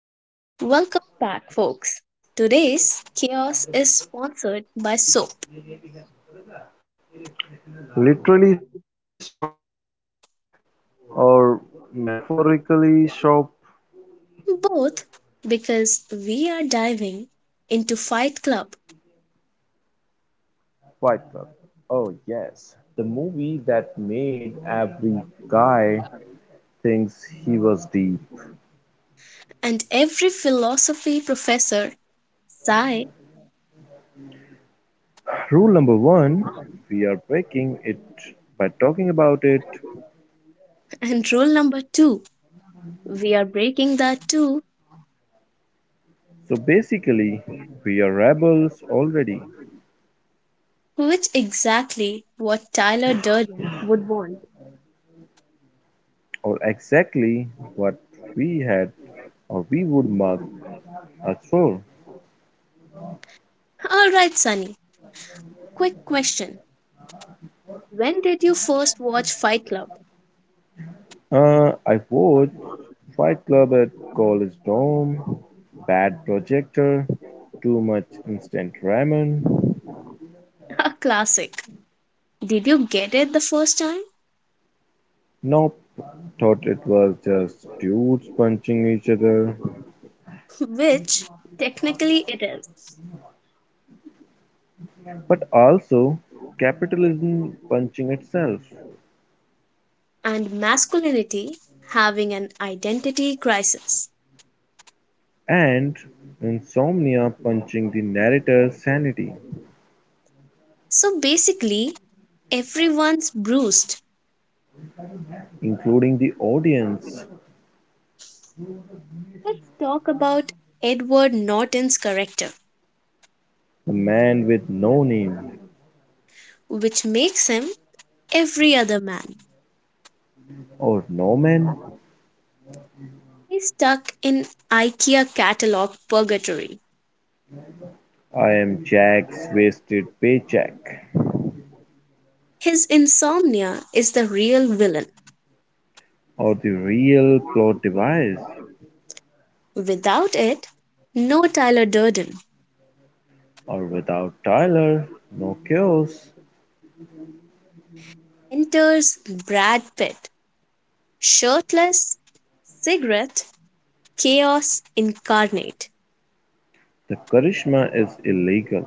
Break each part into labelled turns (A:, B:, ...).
A: Welcome back, folks. Today's chaos is sponsored by Soap,
B: Literally "Soap Mech" or metaphorically "Soap
A: both because we are diving into Fight Club
B: Fight Club". Oh, yes, the movie that made every guy thinks he was deep.
A: and every philosophy professor, sigh,
B: Rule number one, we are breaking it by talking about it.
A: and rule number two. We are breaking that too,
B: So basically, we are rebels already,
A: which exactly what Tyler Durden would want.
B: or exactly what we had or we would mark us for.
A: All right, Sunny. Quick question: when did you first watch Fight Club?
B: I watched Fight Club at college dorm. Bad projector, too much instant ramen.
A: A classic. Did you get it the first time?
B: Nope, thought it was just dudes punching each other,
A: Which technically it is,
B: but also capitalism punching itself
A: and masculinity having an identity crisis.
B: and insomnia punching the narrator's sanity,
A: So basically, everyone's bruised.
B: including the audience.
A: Let's talk about Edward Norton's character,
B: A man with no name
A: which makes him every other man.
B: or no man.
A: He's stuck in IKEA catalog purgatory.
B: I am Jack's wasted paycheck.
A: His insomnia is the real villain.
B: Or the real plot device,
A: Without it, no Tyler Durden.
B: or without Tyler, no chaos,
A: Enters Brad Pitt, shirtless, cigarette chaos incarnate.
B: the charisma is illegal,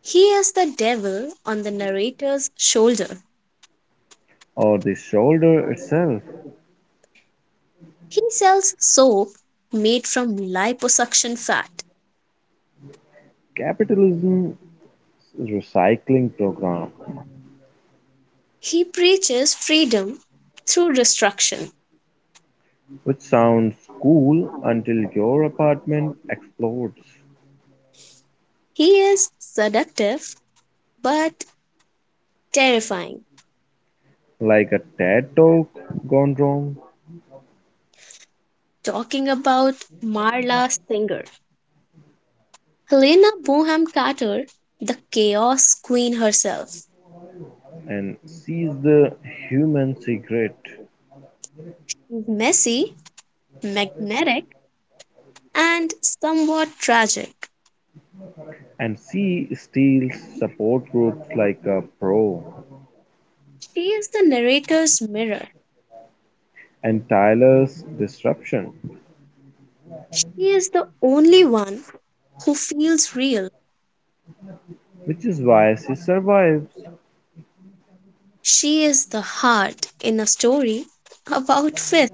A: He is the devil on the narrator's shoulder.
B: or the shoulder itself.
A: He sells soap made from liposuction fat.
B: Capitalism's recycling program,
A: He preaches freedom through destruction.
B: which sounds cool until your apartment explodes
A: He is seductive but terrifying.
B: like a TED talk gone wrong
A: Talking about Marla Singer, Helena Bonham Carter, the chaos queen herself,
B: and sees the human secret.
A: is messy, magnetic, and somewhat tragic.
B: And she steals support groups like a pro
A: She is the narrator's mirror.
B: and Tyler's disruption.
A: He is the only one who feels real.
B: Which is why she survives,
A: She is the heart in a story about fish.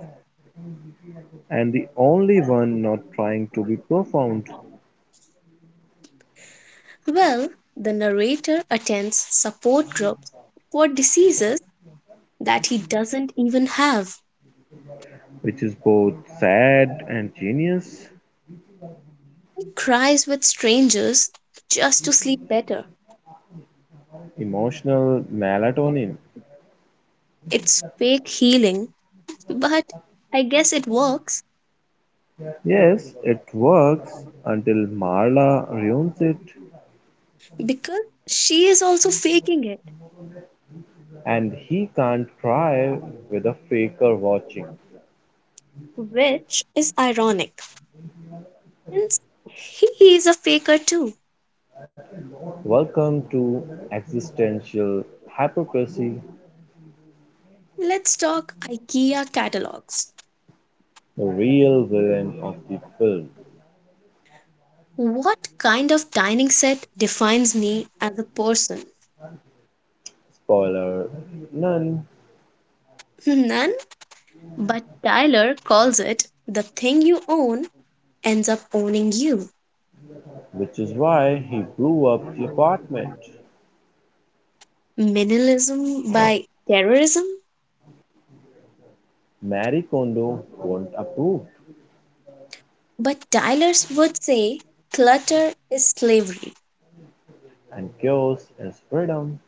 B: and the only one not trying to be profound,
A: Well, the narrator attends support groups for diseases that he doesn't even have.
B: which is both sad and genius.
A: He cries with strangers just to sleep better.
B: Emotional melatonin.
A: It's fake healing, but I guess it works
B: Yes, it works until Marla ruins it,
A: because she is also faking it,
B: and he can't cry with a faker watching.
A: which is ironic since he is a faker too.
B: Welcome to existential hypocrisy,
A: Let's talk IKEA catalogs.
B: the real villain of the film.
A: What kind of dining set defines me as a person?
B: Spoiler none.
A: None, but Tyler calls it the thing you own ends up owning you.
B: Which is why he blew up the apartment.
A: Minimalism by terrorism?
B: Marie Kondo won't approve
A: But Tyler would say clutter is slavery.
B: and chaos is freedom,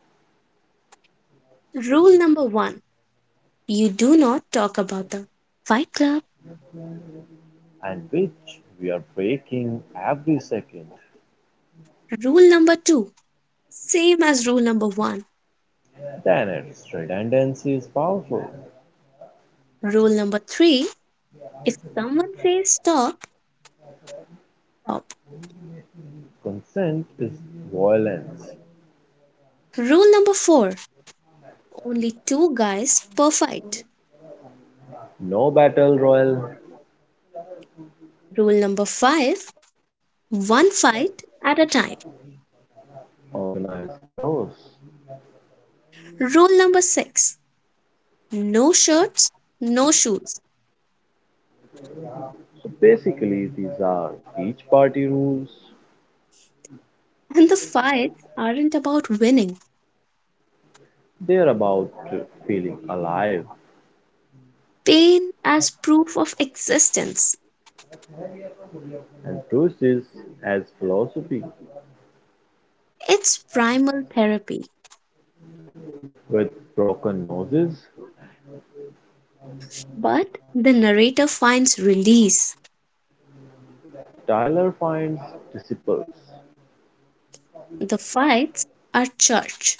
A: Rule number one, you do not talk about the fight club.
B: and which we are breaking every second.
A: Rule number two, same as rule number one.
B: Tenets redundancy is powerful.
A: Rule number three, if someone says stop, stop.
B: Consent is violence.
A: Rule number four, only two guys per fight.
B: No battle royal,
A: Rule number five, one fight at a time.
B: organized chaos.
A: Rule number six, no shirts, no shoes.
B: So basically, these are each party rules.
A: And the fights aren't about winning.
B: They are about feeling alive,
A: Pain as proof of existence.
B: and Bruce's as philosophy.
A: It's primal therapy.
B: With broken noses,
A: But the narrator finds release.
B: Tyler finds disciples,
A: The fights are church.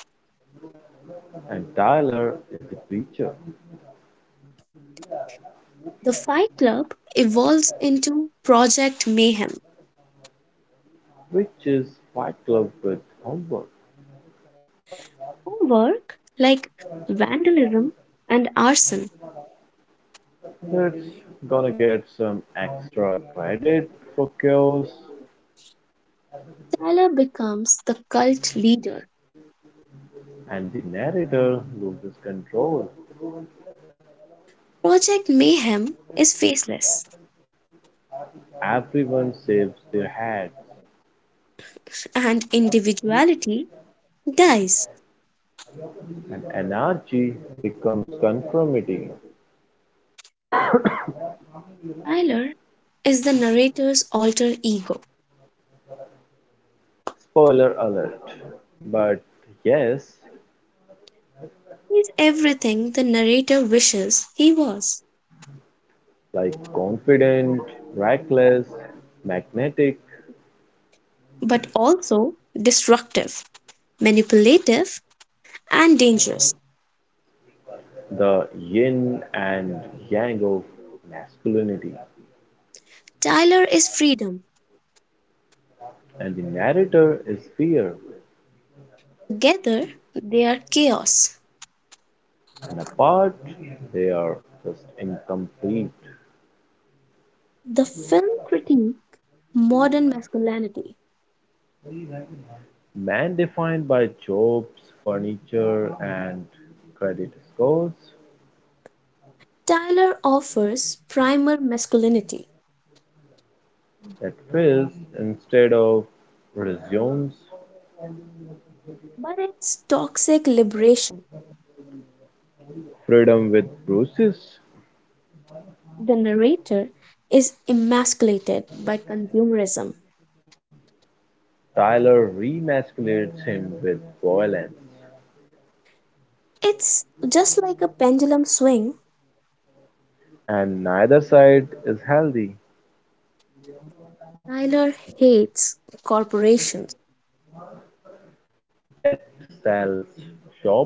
B: and Tyler is the preacher,
A: The fight club evolves into Project Mayhem.
B: which is Fight Club with homework.
A: Homework like vandalism and arson.
B: That's gonna get some extra credit for chaos,
A: Tyler becomes the cult leader.
B: and the narrator loses control.
A: Project Mayhem is faceless
B: Everyone saves their heads,
A: and individuality dies.
B: and anarchy becomes conformity.
A: Tyler is the narrator's alter ego.
B: Spoiler alert. But yes,
A: He's everything the narrator wishes he was,
B: like confident, reckless, magnetic,
A: but also destructive, manipulative, and dangerous.
B: the yin and yang of masculinity,
A: Tyler is freedom.
B: and the narrator is fear,
A: Together, they are chaos.
B: and apart they are just incomplete.
A: The film critique modern masculinity.
B: Man defined by jobs, furniture, and credit scores
A: Tyler offers primer masculinity,
B: that fills instead of resumes.
A: but it's toxic liberation.
B: Freedom with bruises,
A: The narrator is emasculated by consumerism.
B: Tyler remasculates him with violence,
A: It's just like a pendulum swing.
B: and neither side is healthy,
A: Tyler hates corporations.
B: yet sells shop.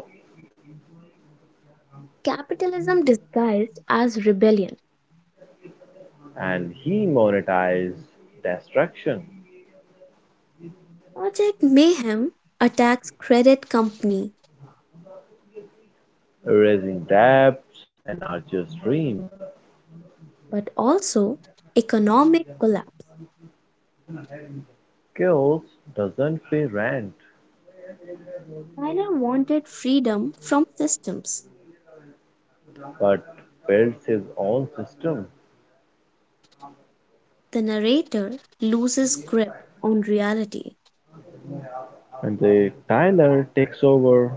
A: Capitalism disguised as rebellion.
B: And he monetized destruction,
A: Project Mayhem attacks credit company,
B: raising debts, and archer's dream.
A: but also economic collapse.
B: Chaos doesn't pay rent,
A: Tyler wanted freedom from systems.
B: but builds his own system.
A: The narrator loses grip on reality.
B: And the Tyler takes over.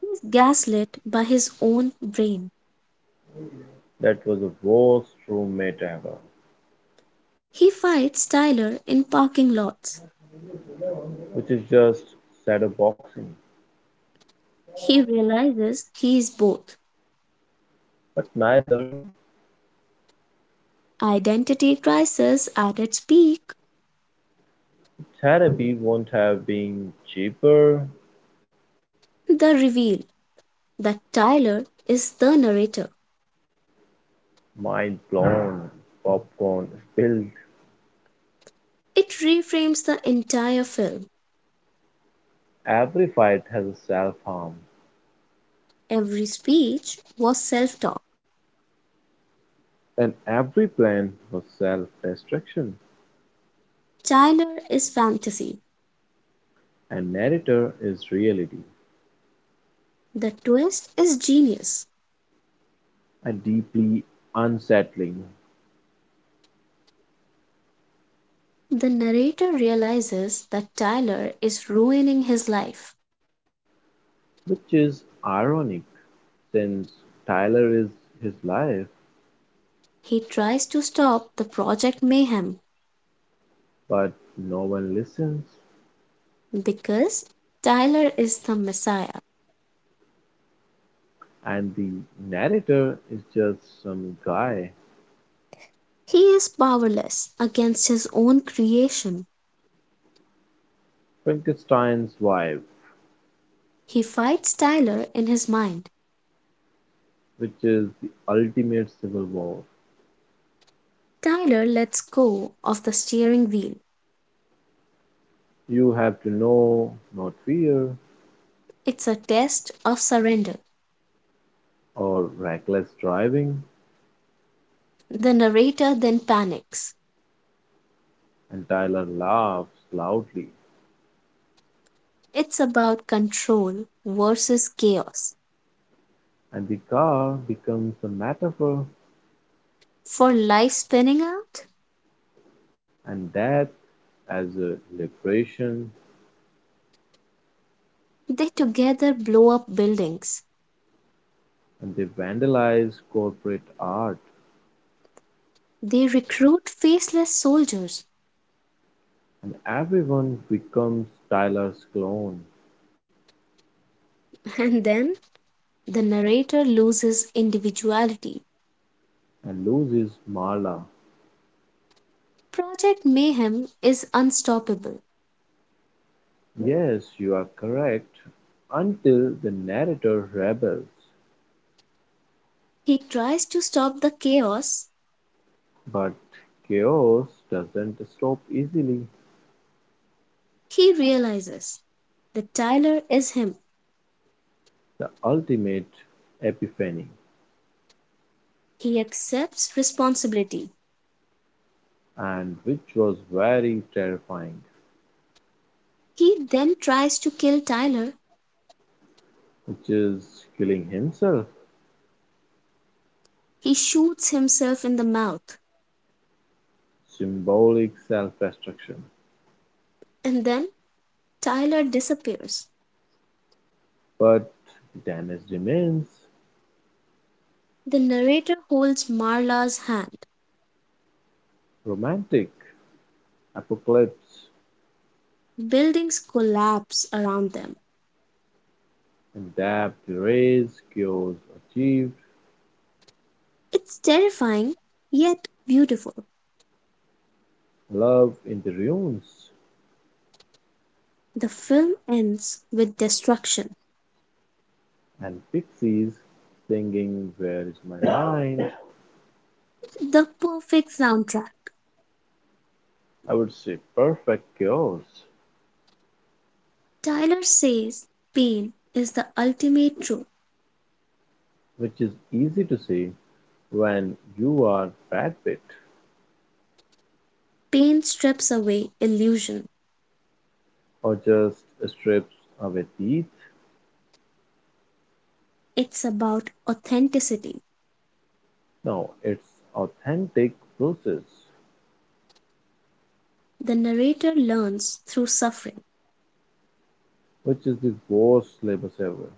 A: He's gaslit by his own brain.
B: That was the worst roommate ever,
A: He fights Tyler in parking lots.
B: which is just shadow boxing.
A: He realizes he is both.
B: But neither
A: Identity crisis at its peak.
B: therapy won't have been cheaper.
A: The reveal that Tyler is the narrator.
B: Mind blown, popcorn spilled.
A: It reframes the entire film.
B: Every fight has a self harm.
A: Every speech was self talk.
B: Then every plan was self-destruction,
A: Tyler is fantasy.
B: and narrator is reality,
A: The twist is genius.
B: and deeply unsettling,
A: The narrator realizes that Tyler is ruining his life.
B: which is ironic since Tyler is his life,
A: He tries to stop the Project Mayhem
B: but no one listens,
A: because Tyler is the Messiah.
B: and the narrator is just some guy,
A: He is powerless against his own creation.
B: Frankenstein's wife,
A: He fights Tyler in his mind.
B: which is the ultimate civil war.
A: Tyler lets go of the steering wheel.
B: You have to know not fear
A: It's a test of surrender.
B: or reckless driving,
A: The narrator then panics.
B: and Tyler laughs loudly.
A: It's about control versus chaos.
B: And the car becomes a metaphor,
A: For life spinning out?
B: and death as a liberation,
A: They together blow up buildings,
B: and they vandalize corporate art,
A: they recruit faceless soldiers,
B: and everyone becomes Tyler's clone
A: and then the narrator loses individuality.
B: and loses Marla.
A: Project Mayhem is unstoppable.
B: Yes, you are correct, until the narrator rebels.
A: He tries to stop the chaos.
B: But chaos doesn't stop easily.
A: He realizes that Tyler is him.
B: The ultimate epiphany,
A: He accepts responsibility.
B: and which was very terrifying,
A: He then tries to kill Tyler.
B: which is killing himself.
A: He shoots himself in the mouth,
B: Symbolic self-destruction.
A: and then Tyler disappears.
B: But damage remains
A: The narrator holds Marla's hand.
B: romantic. Apocalypse
A: Buildings collapse around them.
B: and death erase cures achieved,
A: It's terrifying, yet beautiful.
B: love in the ruins,
A: The film ends with destruction.
B: and pixies singing Where Is My Mind?
A: The perfect soundtrack.
B: I would say perfect cures,
A: Tyler says pain is the ultimate truth.
B: which is easy to see when you are Brad Pitt
A: Pain strips away illusion.
B: or just strips away teeth.
A: It's about authenticity.
B: No, it's authentic process.
A: The narrator learns through suffering,
B: Which is the worst syllabus ever.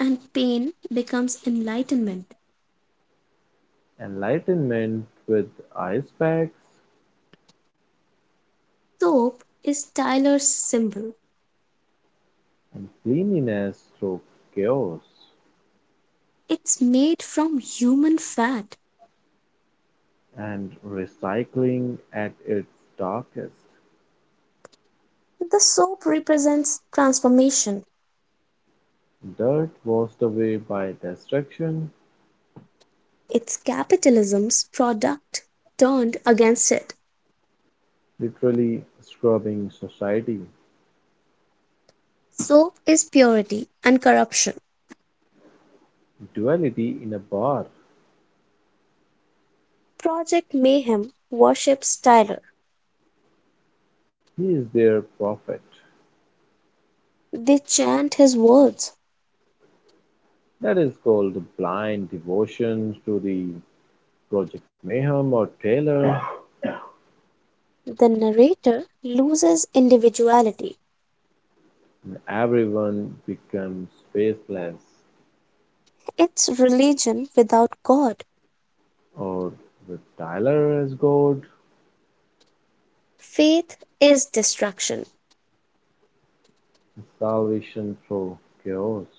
A: and pain becomes enlightenment.
B: Enlightenment with ice packs
A: Soap is Tyler's symbol.
B: and cleanliness through chaos
A: It's made from human fat.
B: and recycling at its darkest.
A: The soap represents transformation.
B: Dirt washed away by destruction,
A: It's capitalism's product turned against it.
B: literally scrubbing society.
A: Soap is purity and corruption.
B: Duality in a bar.
A: Project Mayhem worships Tyler.
B: He is their prophet.
A: They chant his words.
B: That is called blind devotion to the Project Mayhem or Taylor,
A: The narrator loses individuality.
B: and everyone becomes faceless
A: It's religion without God.
B: or with Tyler as God,
A: Faith is destruction.
B: salvation through chaos.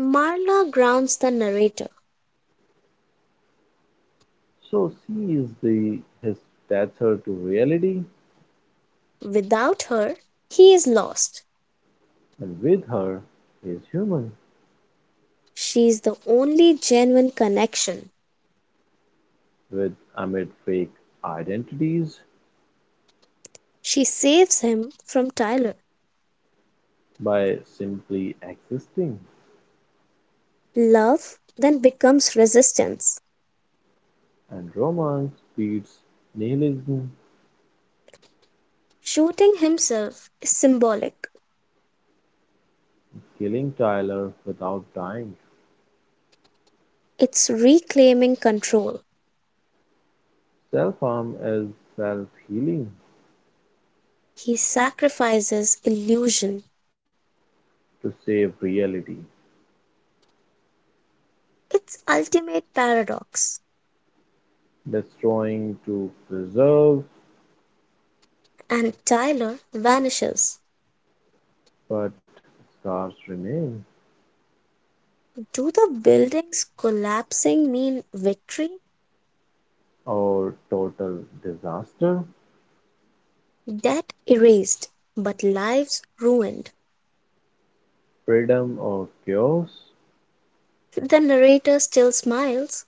A: Marla grounds the narrator.
B: So she is the his tether to reality,
A: Without her, he is lost.
B: and with her he is human,
A: She's the only genuine connection.
B: with amid fake identities
A: She saves him from Tyler.
B: by simply existing.
A: Love then becomes resistance.
B: And romance beats nihilism,
A: Shooting himself is symbolic,
B: killing Tyler without dying.
A: it's reclaiming control.
B: Self harm is self healing
A: He sacrifices illusion.
B: to save reality,
A: It's ultimate paradox.
B: destroying to preserve
A: And Tyler vanishes.
B: but scars remain,
A: Do the buildings collapsing mean victory?
B: or total disaster,
A: Debt erased, but lives ruined.
B: freedom or chaos.
A: The narrator still smiles,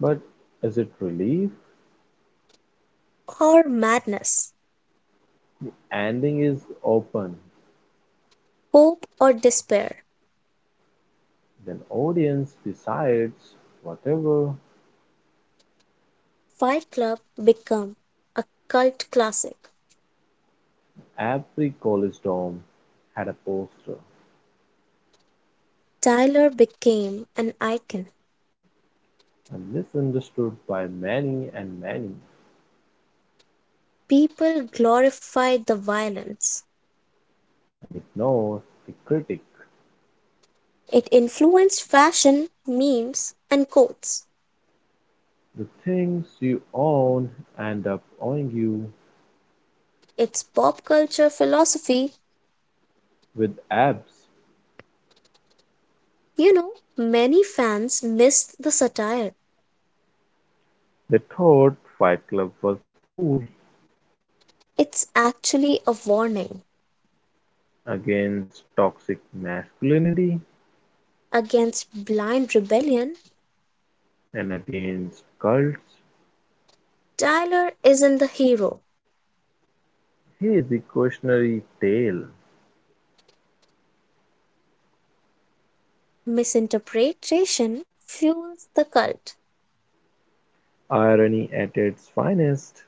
B: But is it relief?
A: or madness,
B: Ending is open,
A: hope or despair.
B: then audience decides whatever.
A: Fight Club became a cult classic.
B: Every college dorm had a poster,
A: Tyler became an icon.
B: and misunderstood by many and many,
A: People glorified the violence.
B: and ignored the critic.
A: It influenced fashion, memes, and quotes.
B: The things you own end up owing you
A: Its pop culture philosophy,
B: with abs.
A: you know, many fans missed the satire.
B: They thought Fight Club was cool
A: It's actually a warning
B: against toxic masculinity
A: against blind rebellion.
B: and against cults.
A: Tyler isn't the hero.
B: He is the cautionary tale.
A: Misinterpretation fuels the cult.
B: Irony at its finest.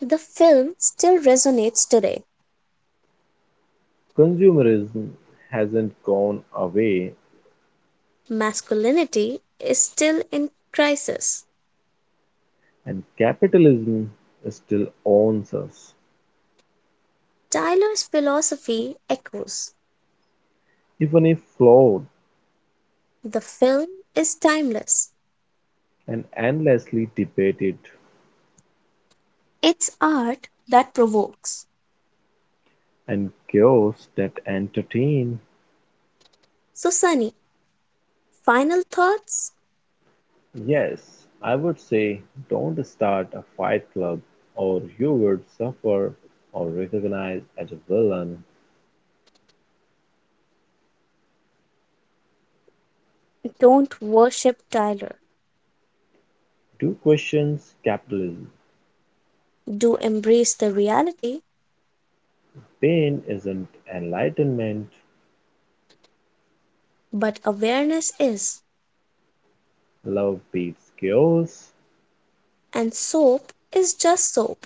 A: The film still resonates today.
B: Consumerism hasn't gone away,
A: Masculinity is still in crisis.
B: and capitalism still owns us,
A: Tyler's philosophy echoes.
B: even if flawed
A: The film is timeless.
B: and endlessly debated,
A: It's art that provokes.
B: and chaos that entertain.
A: So, Sunny, final thoughts?
B: Yes, I would say don't start a fight club or you would suffer or recognize as a villain.
A: Don't worship Tyler.
B: Do questions capitalism.
A: Do embrace the reality,
B: Pain isn't enlightenment.
A: but awareness is.
B: Love beats chaos
A: And soap is just soap.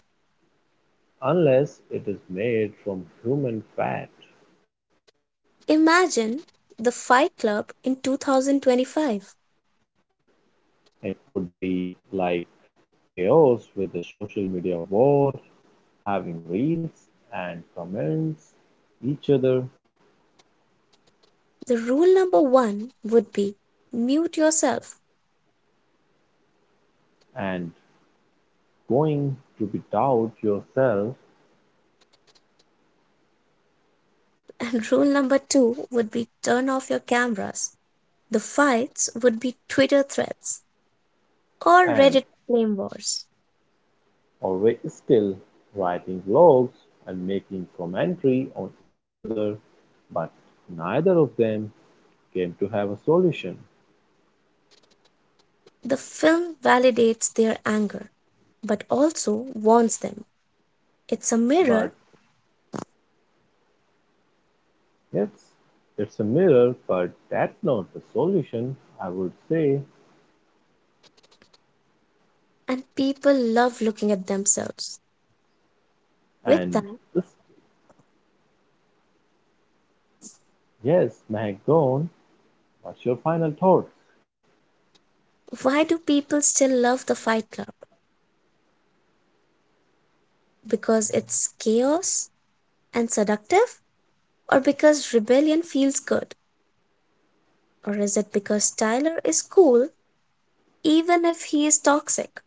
B: unless it is made from human fat.
A: Imagine the Fight Club in 2025.
B: It would be like chaos with the social media war, having reels and comments each other
A: The rule number one would be mute yourself.
B: and going to be doubt yourself
A: And rule number two would be turn off your cameras. The fights would be Twitter threads or
B: and
A: Reddit flame wars.
B: always still writing blogs and making commentary on each other but neither of them came to have a solution.
A: The film validates their anger, but also warns them. It's a mirror,
B: But yes, it's a mirror but that's not the solution, I would say.
A: and people love looking at themselves. With
B: And
A: that,
B: this, yes, mac gone, what's your final thoughts?
A: why do people still love The Fight Club? Because it's chaos and seductive? Or because rebellion feels good? Or is it because Tyler is cool even if he is toxic?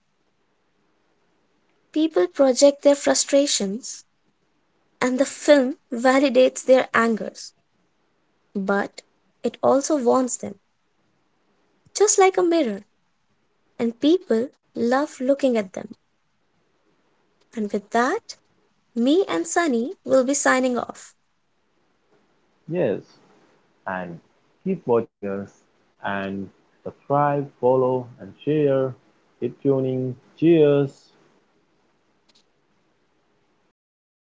A: People project their frustrations, and the film validates their angers, but it also warns them, just like a mirror, and people love looking at them. And with that, me and Sunny will be signing off.
B: Yes, and keep watching us and subscribe, follow and share. Keep tuning. Cheers.